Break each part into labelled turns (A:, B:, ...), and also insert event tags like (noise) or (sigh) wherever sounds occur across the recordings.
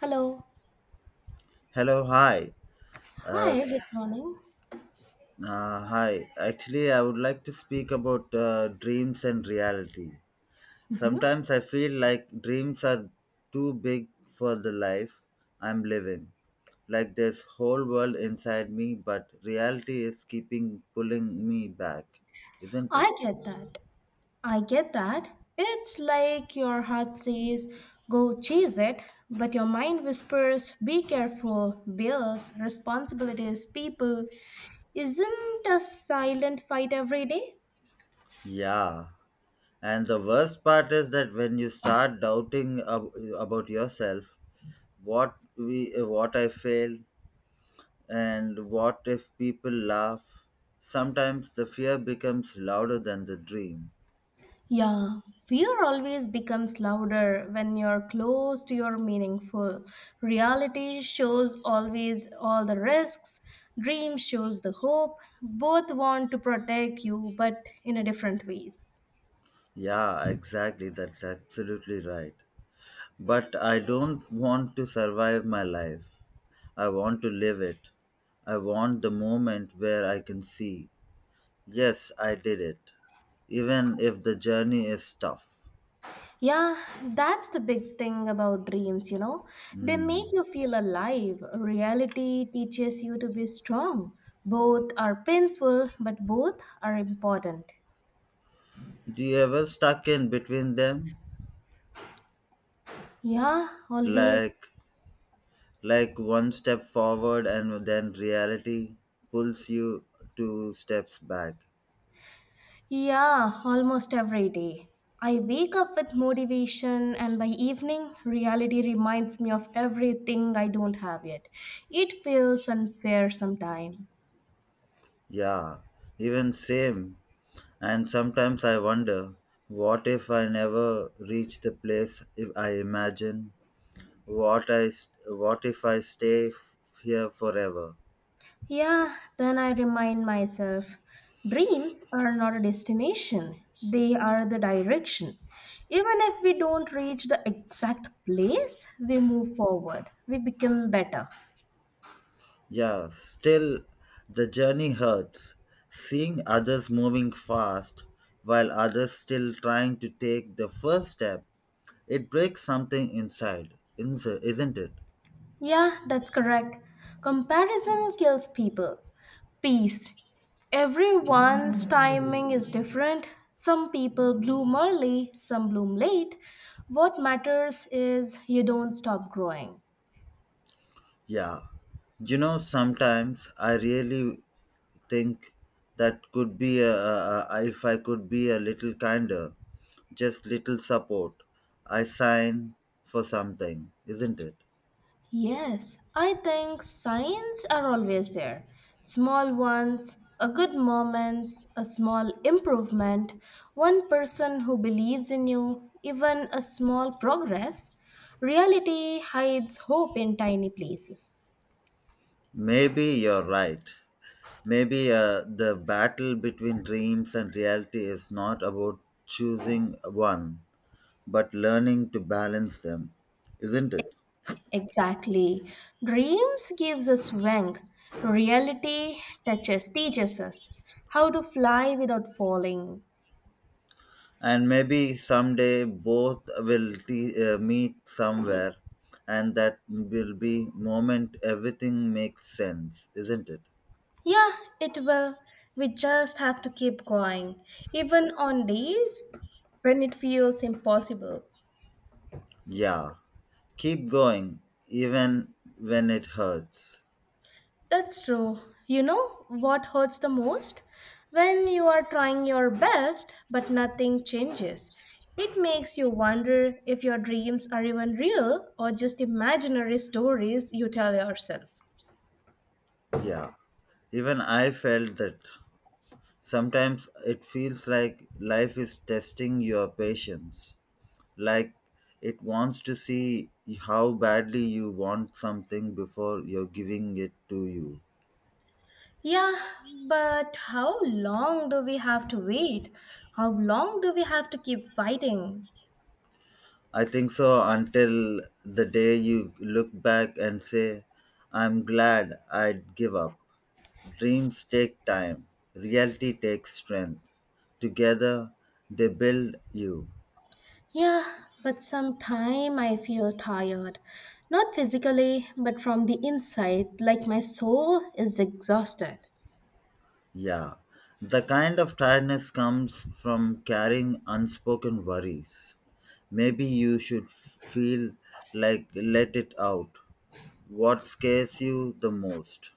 A: Hello.
B: Hello, hi. Uh,
A: Hi, good
B: s-
A: morning.
B: Hi. Actually, I would like to speak about dreams and reality.
A: Hmm.
B: Sometimes I feel like dreams are too big for the life I'm living. Like there's whole world inside me, but reality is keeping pulling me back, isn't it?
A: I get that. I get that. It's like your heart says, go chase it, but your mind whispers, be careful, bills, responsibilities, people. Isn't a silent fight every day?
B: Yeah. And the worst part is that when you start doubting about yourself, what I fail, And what if people laugh? Sometimes the fear becomes louder than the dream.
A: Yeah, fear always becomes louder when you're close to your meaningful. Reality shows always all the risks, dream shows the hope. Both want to protect you, but in a different ways.
B: Yeah, exactly. That's absolutely right. But I don't want to survive my life. I want to live it. I want the moment where I can see, yes, I did it, even if the journey is tough.
A: Yeah, that's the big thing about dreams, you know. They
B: Hmm.
A: make you feel alive. Reality teaches you to be strong. Both are painful, but both are important.
B: Do you ever stuck in between them?
A: Yeah, always.
B: Like, like one step forward and then reality pulls you two steps back.
A: Yeah, almost every day. I wake up with motivation, and by evening, reality reminds me of everything I don't have yet. It feels unfair sometimes.
B: Yeah, even same. And sometimes I wonder, what if I never reach the place if I imagine? What if I stay here forever?
A: Yeah, then I remind myself dreams are not a destination, they are the direction. Even if we don't reach the exact place, we move forward, we become better.
B: Yeah, still the journey hurts. Seeing others moving fast while others still trying to take the first step. It breaks something inside, isn't it?
A: Yeah, that's correct. Comparison kills people. Peace. Everyone's timing is different. Some people bloom early, some bloom late. What matters is you don't stop growing.
B: Yeah. You know, sometimes I really think that could be a if I could be a little kinder, just little support. I sign for something, isn't it?
A: Yes, I think signs are always there. Small ones, a good moment, a small improvement, one person who believes in you, even a small progress. Reality hides hope in tiny places.
B: Maybe you're right. Maybe the battle between dreams and reality is not about choosing one, but learning to balance them, isn't it?
A: Exactly. Dreams gives us wing. Reality touches teaches us how to fly without falling.
B: And maybe someday both will meet somewhere, and that will be moment everything makes sense, isn't it?
A: Yeah, it will. We just have to keep going, even on days when it feels impossible.
B: Yeah, keep going even when it hurts.
A: That's true. You know what hurts the most? When you are trying your best but nothing changes. It makes you wonder if your dreams are even real or just imaginary stories you tell yourself.
B: Yeah, even I felt that. Sometimes it feels like life is testing your patience, like it wants to see how badly you want something before you're giving it to you.
A: Yeah, but how long do we have to wait? How long do we have to keep fighting?
B: I think so until the day you look back and say, I'm glad I'd give up. Dreams take time, reality takes strength. Together, they build you.
A: Yeah, but sometime I feel tired. Not physically, but from the inside, like my soul is exhausted.
B: Yeah. The kind of tiredness comes from carrying unspoken worries. Maybe you should feel like let it out. What scares you the most?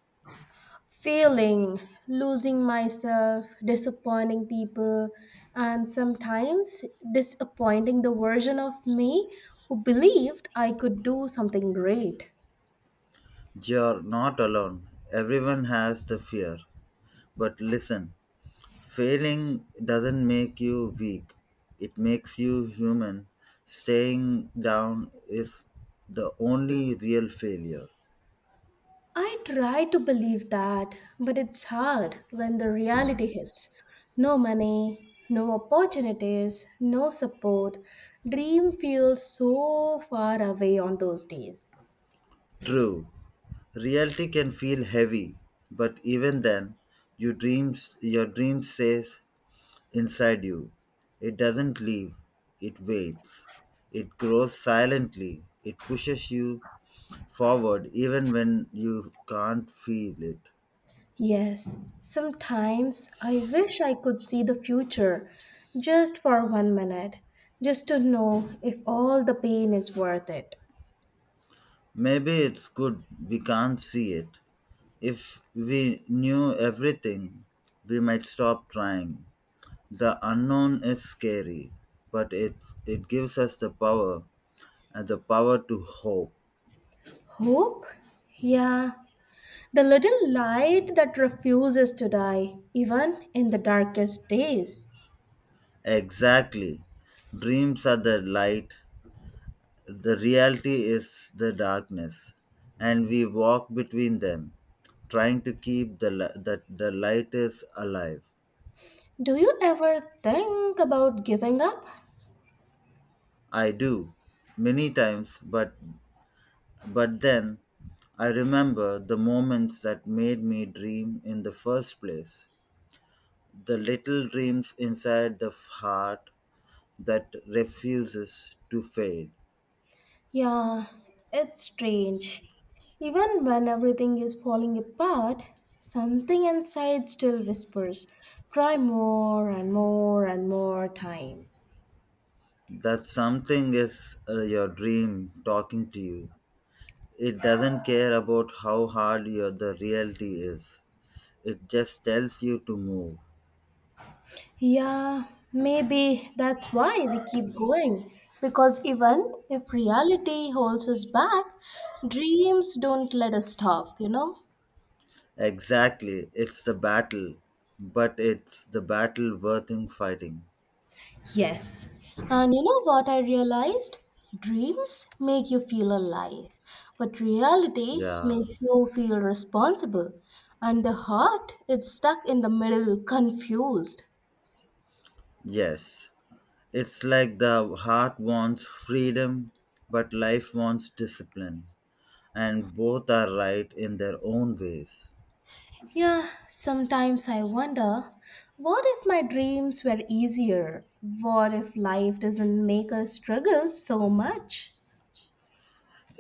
A: Failing, losing myself, disappointing people, and sometimes disappointing the version of me who believed I could do something great.
B: You're not alone. Everyone has the fear. But listen, failing doesn't make you weak, it makes you human. Staying down is the only real failure.
A: I try to believe that, but it's hard when the reality hits. No money, no opportunities, no support. Dream feels so far away on those days.
B: True, reality can feel heavy, but even then, your dream stays inside you. It doesn't leave, it waits. It grows silently. It pushes you forward even when you can't feel it.
A: Yes, sometimes I wish I could see the future just for one minute, just to know if all the pain is worth it.
B: Maybe it's good we can't see it. If we knew everything, we might stop trying. The unknown is scary, but it gives us the power and the power to hope.
A: Hope? Yeah, the little light that refuses to die, even in the darkest days.
B: Exactly. Dreams are the light, the reality is the darkness, and we walk between them, trying to keep the li- that the light is alive.
A: Do you ever think about giving up?
B: I do many times, but then I remember the moments that made me dream in the first place. The little dreams inside the heart that refuses to fade.
A: Yeah, it's strange. Even when everything is falling apart, something inside still whispers, try more and more and more time.
B: That something is your dream talking to you. It doesn't care about how hard your the reality is. It just tells you to move.
A: Yeah, maybe that's why we keep going. Because even if reality holds us back, dreams don't let us stop, you know?
B: Exactly, it's the battle, but it's the battle worth in fighting.
A: Yes. And you know what I realized? Dreams make you feel alive, but reality
B: Yeah.
A: makes you feel responsible. And the heart, it's stuck in the middle, confused.
B: Yes. It's like the heart wants freedom, but life wants discipline, and both are right in their own ways.
A: Yeah, sometimes I wonder what if my dreams were easier? What if life doesn't make us struggle so much?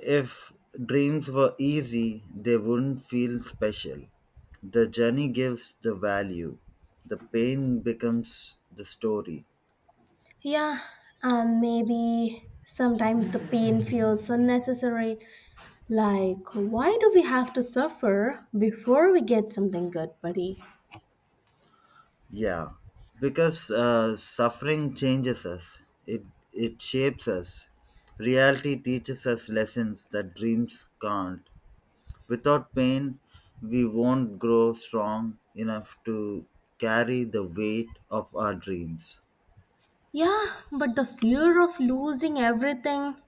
B: If dreams were easy, they wouldn't feel special. The journey gives the value, the pain becomes the story.
A: Yeah, and maybe sometimes the pain feels unnecessary. Like, why do we have to suffer before we get something good, buddy?
B: Yeah, because suffering changes us. It it shapes us. Reality teaches us lessons that dreams can't. Without pain, we won't grow strong enough to carry the weight of our dreams.
A: Yeah, but the fear of losing everything,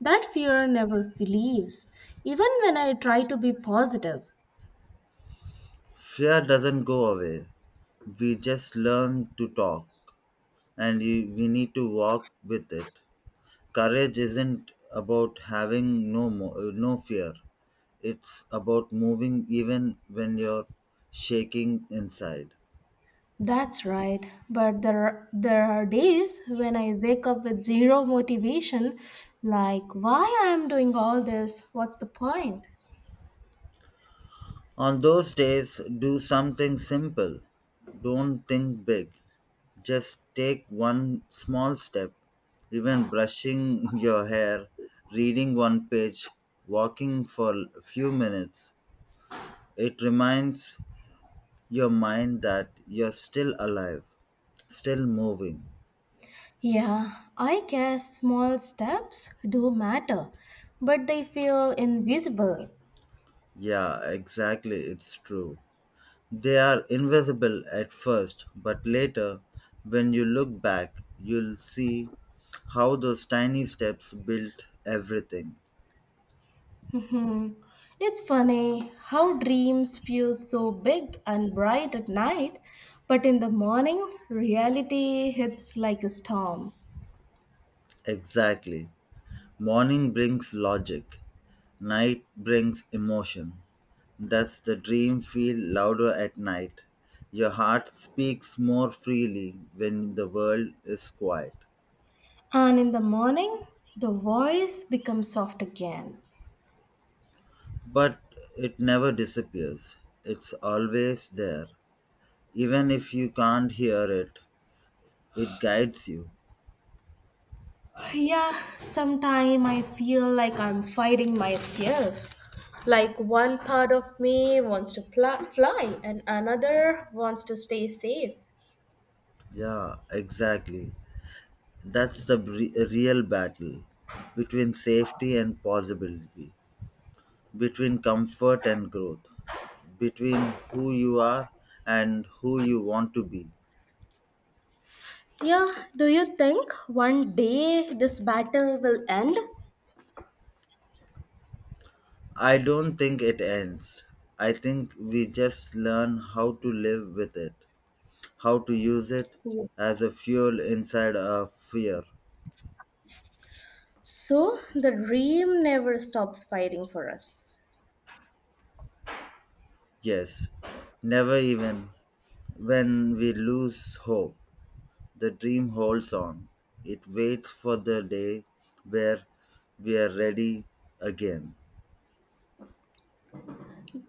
A: that fear never leaves, even when I try to be positive.
B: Fear doesn't go away. We just learn to talk and we need to walk with it. Courage isn't about having no fear, it's about moving even when you're shaking inside.
A: That's right, but there are days when I wake up with zero motivation, like, why I am doing all this? What's the point?
B: On those days, do something simple. Don't think big. Just take one small step, even brushing (laughs) your hair, reading one page, walking for a few minutes. It reminds your mind that you're still alive, still moving.
A: Yeah, I guess small steps do matter, but they feel invisible.
B: Yeah, exactly, it's true. They are invisible at first, but later, when you look back, you'll see how those tiny steps built everything.
A: Hmm. It's funny how dreams feel so big and bright at night, but in the morning, reality hits like a storm.
B: Exactly. Morning brings logic. Night brings emotion. Does the dream feel louder at night? Your heart speaks more freely when the world is quiet.
A: And in the morning, the voice becomes soft again.
B: But it never disappears. It's always there. Even if you can't hear it, it guides you.
A: Yeah, sometimes I feel like I'm fighting myself. Like one part of me wants to fly and another wants to stay safe.
B: Yeah, exactly. That's the real battle between safety and possibility, between comfort and growth, between who you are and who you want to be.
A: Yeah, do you think one day this battle will end?
B: I don't think it ends. I think we just learn how to live with it, how to use it as a fuel inside our fear.
A: So the dream never stops fighting for us.
B: Yes, never, even when we lose hope, the dream holds on. It waits for the day where we are ready again.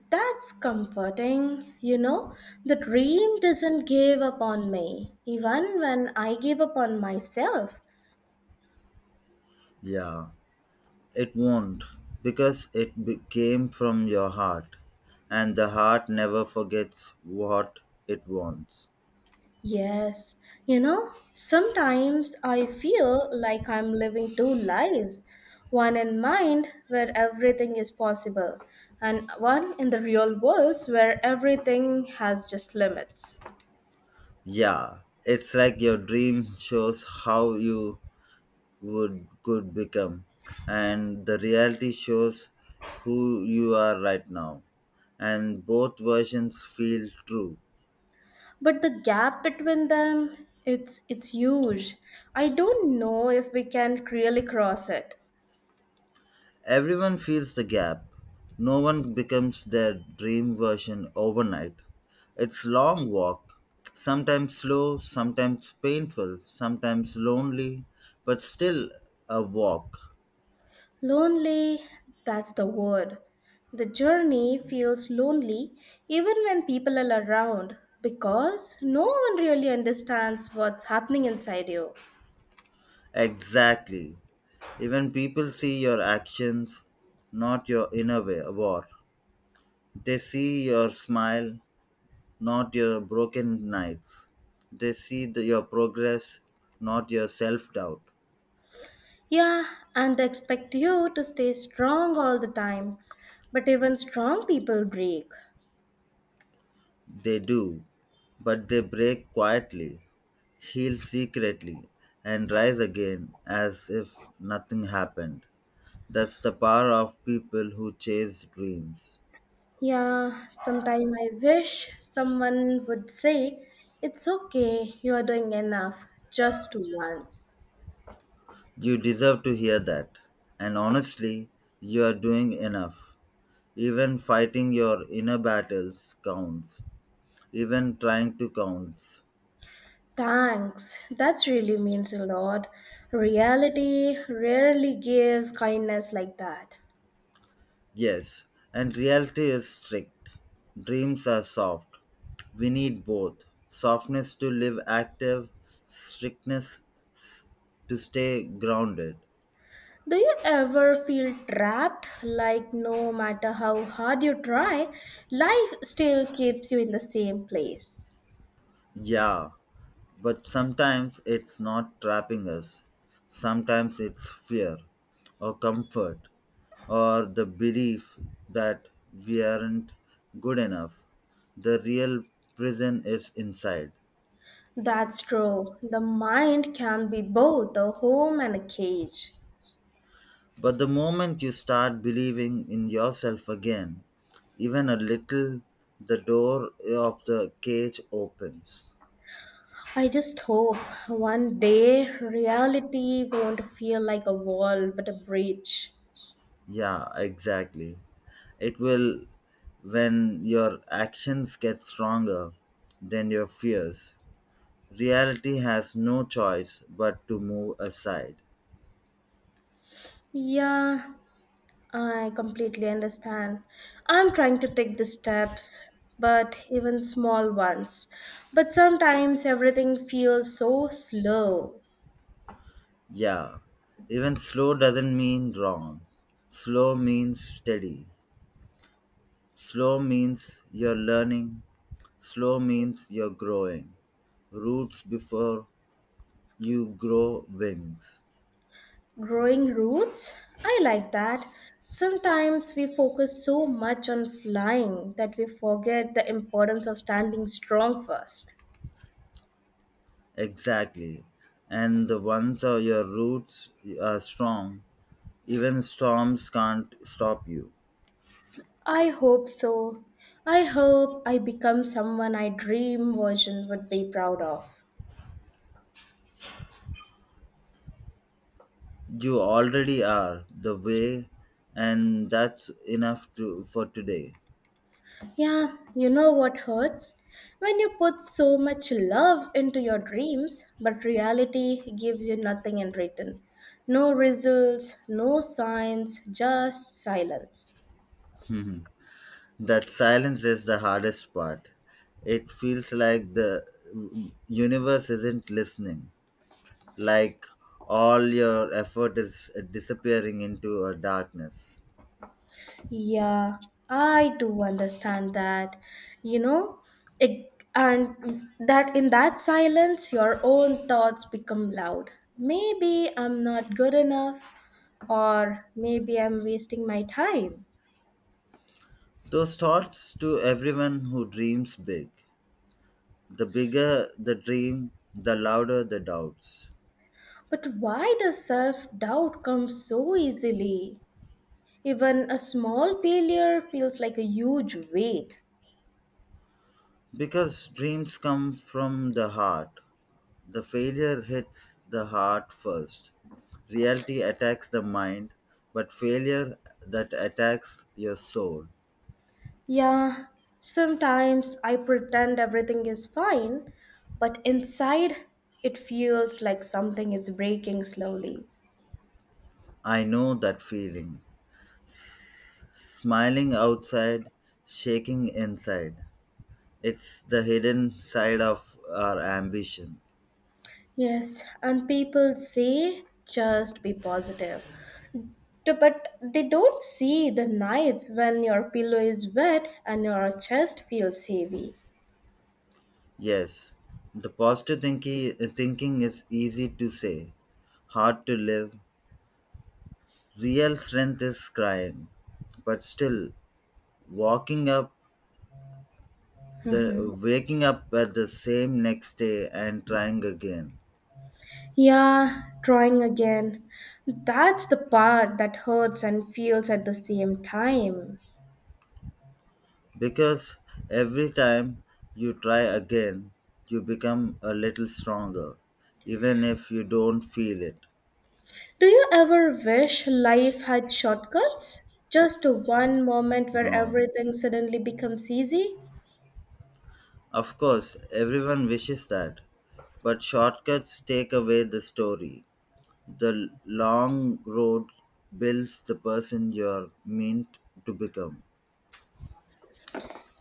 A: That's comforting, you know. The dream doesn't give up on me, even when I give up on myself.
B: Yeah. It won't, because it came from your heart, and the heart never forgets what it wants.
A: Yes, you know, sometimes I feel like I'm living two lives, one in mind, where everything is possible, and one in the real world, where everything has just limits.
B: Yeah, it's like your dream shows how you would could become, and the reality shows who you are right now, and both versions feel true.
A: But the gap between them, it's huge. I don't know if we can really cross it.
B: Everyone feels the gap. No one becomes their dream version overnight. It's long walk, sometimes slow, sometimes painful, sometimes lonely, but still a walk.
A: Lonely, that's the word. The journey feels lonely even when people are around, because no one really understands what's happening inside you.
B: Exactly. Even people see your actions, not your inner war. They see your smile, not your broken nights. They see your progress, not your self doubt.
A: Yeah, and they expect you to stay strong all the time, but even strong people break.
B: They do, but they break quietly, heal secretly, and rise again as if nothing happened. That's the power of people who chase dreams.
A: Yeah, sometime I wish someone would say, it's okay, you are doing enough, just once.
B: You deserve to hear that. And honestly, you are doing enough. Even fighting your inner battles counts. Even trying to counts.
A: Thanks, that really means a lot. Reality rarely gives kindness like that.
B: Yes, and reality is strict. Dreams are soft. We need both softness to live active, strictness s- to stay grounded.
A: Do you ever feel trapped? Like, no matter how hard you try, life still keeps you in the same place.
B: Yeah, but sometimes it's not trapping us. Sometimes it's fear or comfort or the belief that we aren't good enough. The real prison is inside.
A: That's true. The mind can be both a home and a cage.
B: But the moment you start believing in yourself again, even a little, the door of the cage opens.
A: I just hope one day reality won't feel like a wall but a bridge.
B: Yeah, exactly. It will when your actions get stronger than your fears. Reality has no choice but to move aside.
A: Yeah, I completely understand. I'm trying to take the steps, but even small ones. But sometimes everything feels so slow.
B: Yeah, even slow doesn't mean wrong. Slow means steady. Slow means you're learning. Slow means you're growing. Roots before you grow wings.
A: Growing roots? I like that. Sometimes we focus so much on flying that we forget the importance of standing strong first.
B: Exactly. And the ones are your roots are strong. Even storms can't stop you.
A: I hope so. I hope I become someone I dream version would be proud of.
B: You already are the way, and that's enough for today. (laughs)
A: Yeah, you know what hurts? When you put so much love into your dreams, but reality gives you nothing in return. No results, no signs, just silence.
B: Mhm. That silence is the hardest part. It feels like the universe isn't listening, like all your effort is disappearing into a darkness.
A: Yeah, I do understand that. You know, it, and that in that silence, your own thoughts become loud. Maybe I'm not good enough, or maybe I'm wasting my time.
B: Those thoughts to everyone who dreams big. The bigger the dream, the louder the doubts.
A: But why does self doubt come so easily? Even a small failure feels like a huge weight.
B: Because dreams come from the heart. The failure hits the heart first. Reality attacks the mind, but failure that attacks your soul.
A: Yeah, sometimes I pretend everything is fine, but inside it feels like something is breaking slowly.
B: I know that feeling. Smiling outside, shaking inside. It's the hidden side of our ambition.
A: Yes, and people say just be positive. But they don't see the nights when your pillow is wet and your chest feels heavy.
B: Yes, the positive thinking is easy to say, hard to live. Real strength is crying, but still walking up the
A: Mhm.
B: waking up at the same next day and trying again.
A: Yeah, trying again. That's the part that hurts and feels at the same time.
B: Because every time you try again, you become a little stronger, even if you don't feel it.
A: Do you ever wish life had shortcuts? Just one moment where
B: No.
A: everything suddenly becomes easy?
B: Of course, everyone wishes that, but shortcuts take away the story. The long road builds the person you're meant to become.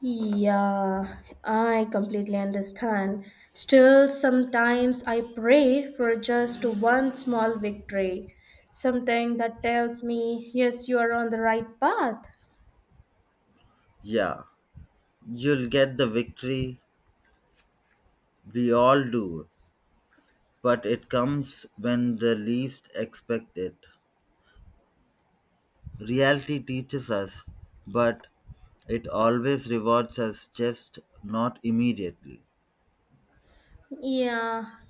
A: Yeah, I completely understand. Still, sometimes I pray for just one small victory, something that tells me, yes, you are on the right path.
B: Yeah, you'll get the victory, we all do, but it comes when the least expect it. Reality teaches us, but it always rewards us just not immediately.
A: Yeah,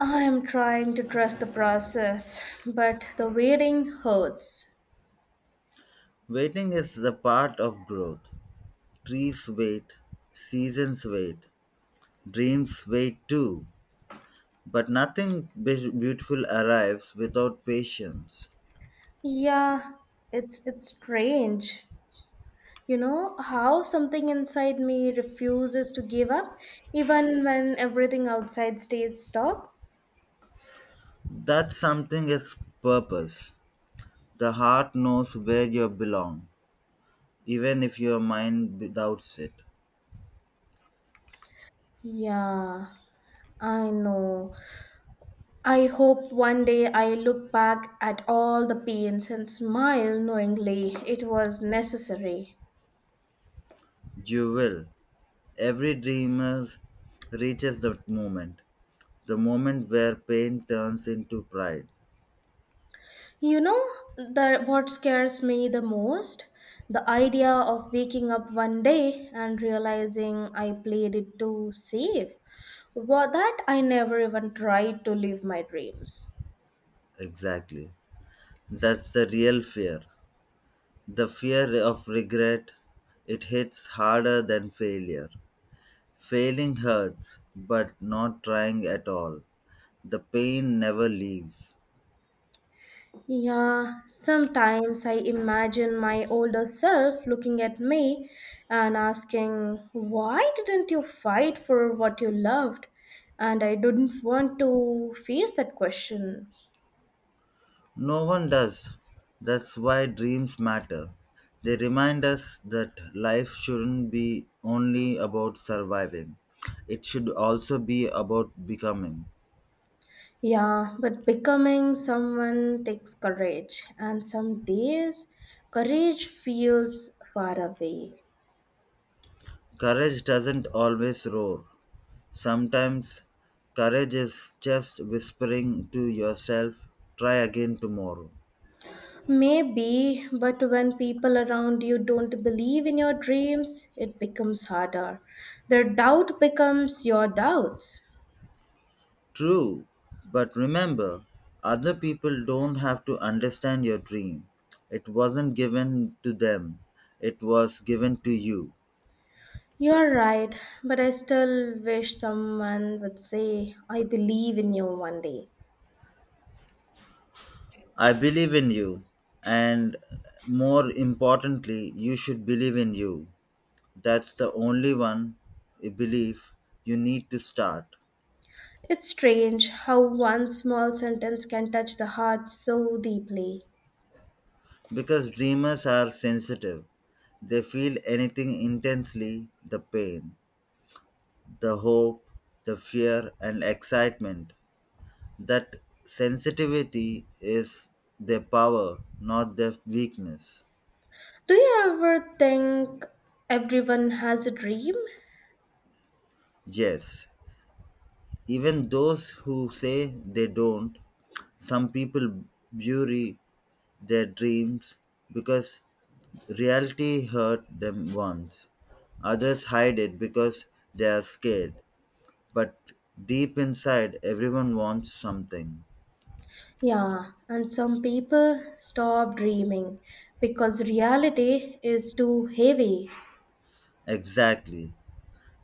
A: I am trying to trust the process, but the waiting hurts.
B: Waiting is the part of growth. Trees wait, seasons wait, dreams wait too. But nothing beautiful arrives without patience.
A: Yeah, it's strange. You know how something inside me refuses to give up even when everything outside stays stop?
B: That something is purpose. The heart knows where you belong, even if your mind doubts it.
A: Yeah, I know. I hope one day I look back at all the pains and smile knowingly it was necessary.
B: You will. Every dreamer reaches that moment, the moment where pain turns into pride.
A: You know the what scares me the most? The idea of waking up one day and realizing I played it too safe. Well, that I never even tried to live my dreams.
B: Exactly. That's the real fear. The fear of regret, it hits harder than failure. Failing hurts, but not trying at all. The pain never leaves.
A: Yeah, sometimes I imagine my older self looking at me and asking, why didn't you fight for what you loved? And I didn't want to face that question.
B: No one does. That's why dreams matter. They remind us that life shouldn't be only about surviving, it should also be about becoming.
A: Yeah, but becoming someone takes courage, and some days courage feels far away.
B: Courage doesn't always roar. Sometimes courage is just whispering to yourself, try again tomorrow.
A: Maybe, but when people around you don't believe in your dreams, it becomes harder. Their doubt becomes your doubts.
B: True, but remember, other people don't have to understand your dream. It wasn't given to them, it was given to you.
A: You're right, but I still wish someone would say, I believe in you one day.
B: I believe in you, and more importantly, you should believe in you. That's the only one, a belief you need to start.
A: It's strange how one small sentence can touch the heart so deeply.
B: Because dreamers are sensitive, they feel anything intensely the pain, the hope, the fear, and excitement. That sensitivity is their power, not their weakness.
A: Do you ever think everyone has a dream?
B: Yes, even those who say they don't, some people bury their dreams because reality hurt them once. Others hide it because they are scared. But deep inside, everyone wants something.
A: Yeah, and some people stop dreaming because reality is too heavy.
B: Exactly.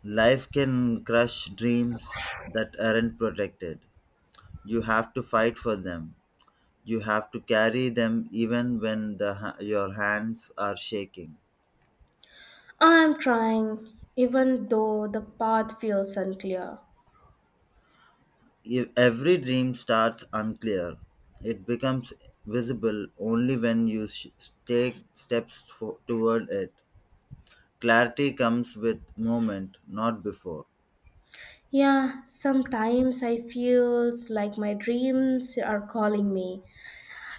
B: Life can crush dreams that aren't protected. You have to fight for them. You have to carry them even when your hands are shaking.
A: I'm trying, even though the path feels unclear.
B: If every dream starts unclear, it becomes visible only when you take steps toward it. Clarity comes with moment, not before.
A: Yeah, sometimes I feels like my dreams are calling me,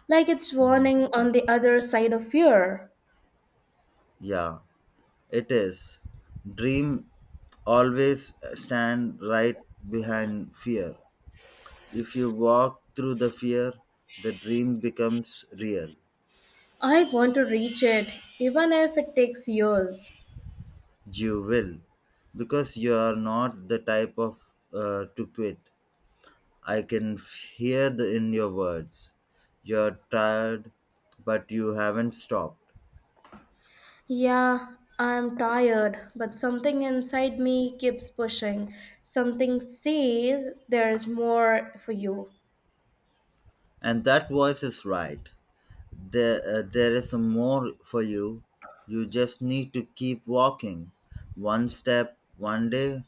A: like it's
B: Mm.
A: warning on the other side of fear.
B: Yeah. It is. Dream always stand right behind fear. If you walk through the fear, the dream becomes real.
A: I want to reach it, even if it takes years.
B: You will. Because you are not the type of to quit. I can hear in your words. You're tired, but you haven't stopped.
A: Yeah, I'm tired, but something inside me keeps pushing. Something says there is more for you.
B: And that voice is right. There is some more for you. You just need to keep walking, one step, one day,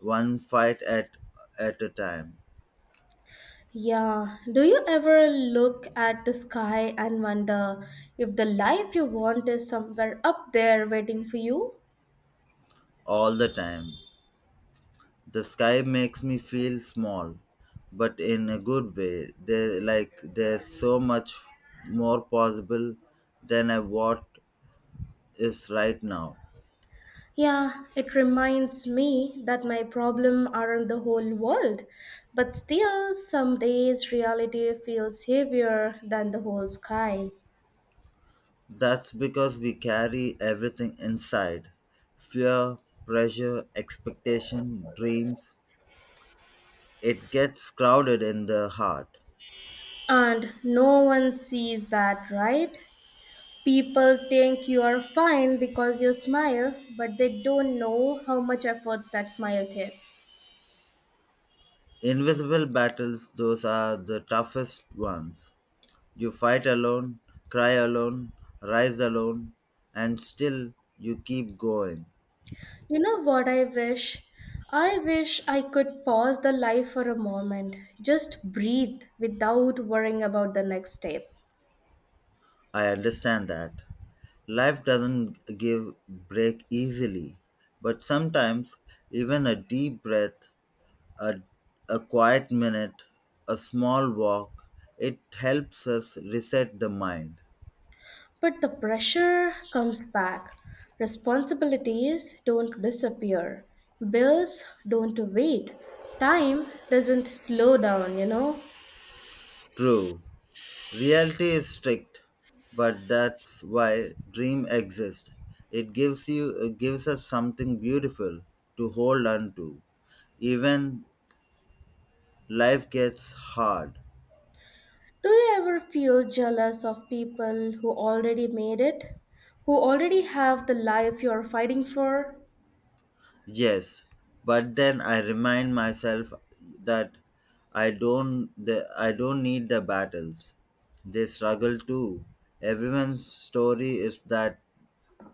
B: one fight at a time,
A: Yeah, do you ever look at the sky and wonder if the life you want is somewhere up there waiting for you?
B: all the time. The sky makes me feel small, but in a good way. Like there's so much more possible than I what is right now.
A: Yeah, it reminds me that my problem aren't the whole world, but still, some days reality feels heavier than the whole sky.
B: That's because we carry everything inside fear, pressure, expectation, dreams. It gets crowded in the heart.
A: And no one sees that, right? People think you are fine because you smile, but they don't know how much efforts that smile takes.
B: Invisible battles, those are the toughest ones. You fight alone, cry alone, rise alone, and still you keep going.
A: You know what I wish? I wish I could pause the life for a moment, just breathe without worrying about the next step.
B: I understand that. Life doesn't give break easily, but sometimes even a deep breath, a, a quiet minute, a small walk, it helps us reset the mind.
A: But the pressure comes back. Responsibilities don't disappear. Bills don't wait. Time doesn't slow down, you know?
B: True, reality is strict, but that's why dream exists. It gives us something beautiful to hold on to. Even life gets hard.
A: Do you ever feel jealous of people who already made it, who already have the life you're fighting for?
B: Yes, but then I remind myself that I don't need the battles. They struggle too. Everyone's story is that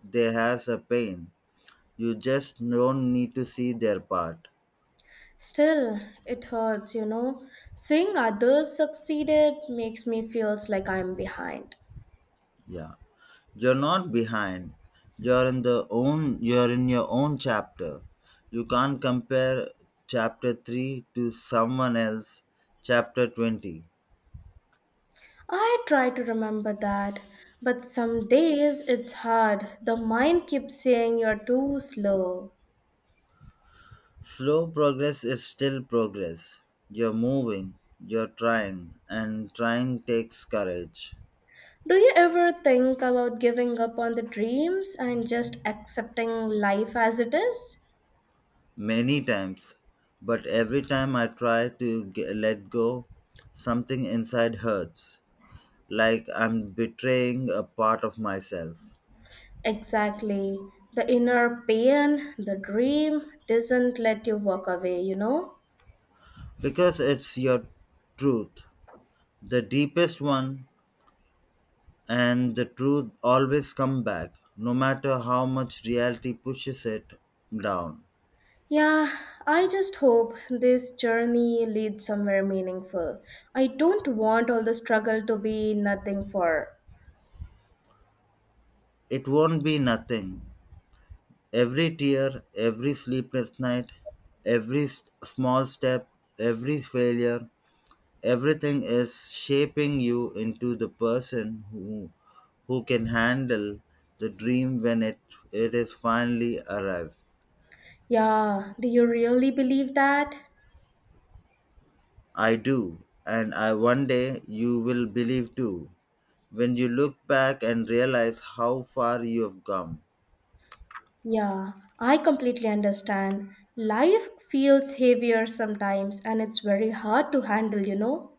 B: they has a pain. You just don't need to see their part.
A: Still, it hurts, you know. Seeing others succeeded makes me feels like I'm behind.
B: Yeah. You're not behind. You're in your own chapter. You can't compare chapter 3 to someone else chapter 20.
A: I try to remember that, but some days it's hard. The mind keeps saying you're too slow.
B: Slow progress is still progress. You're moving, you're trying, and trying takes courage.
A: Do you ever think about giving up on the dreams and just accepting life as it is?
B: Many times, but every time I try to g let go, something inside hurts, like I'm betraying a part of myself.
A: Exactly. The inner pain, the dream doesn't let you walk away, you know?
B: Because it's your truth, the deepest one, and the truth always come back, no matter how much reality pushes it down.
A: Yeah, I just hope this journey leads somewhere meaningful. I don't want all the struggle to be nothing for.
B: It won't be nothing. Every tear, every sleepless night, every small step, every failure, everything is shaping you into the person who can handle the dream when it is finally arrived.
A: Yeah, do you really believe that?
B: I do, and I one day you will believe too, when you look back and realize how far you have come.
A: Yeah, I completely understand. Life feels heavier sometimes and it's very hard to handle, you know?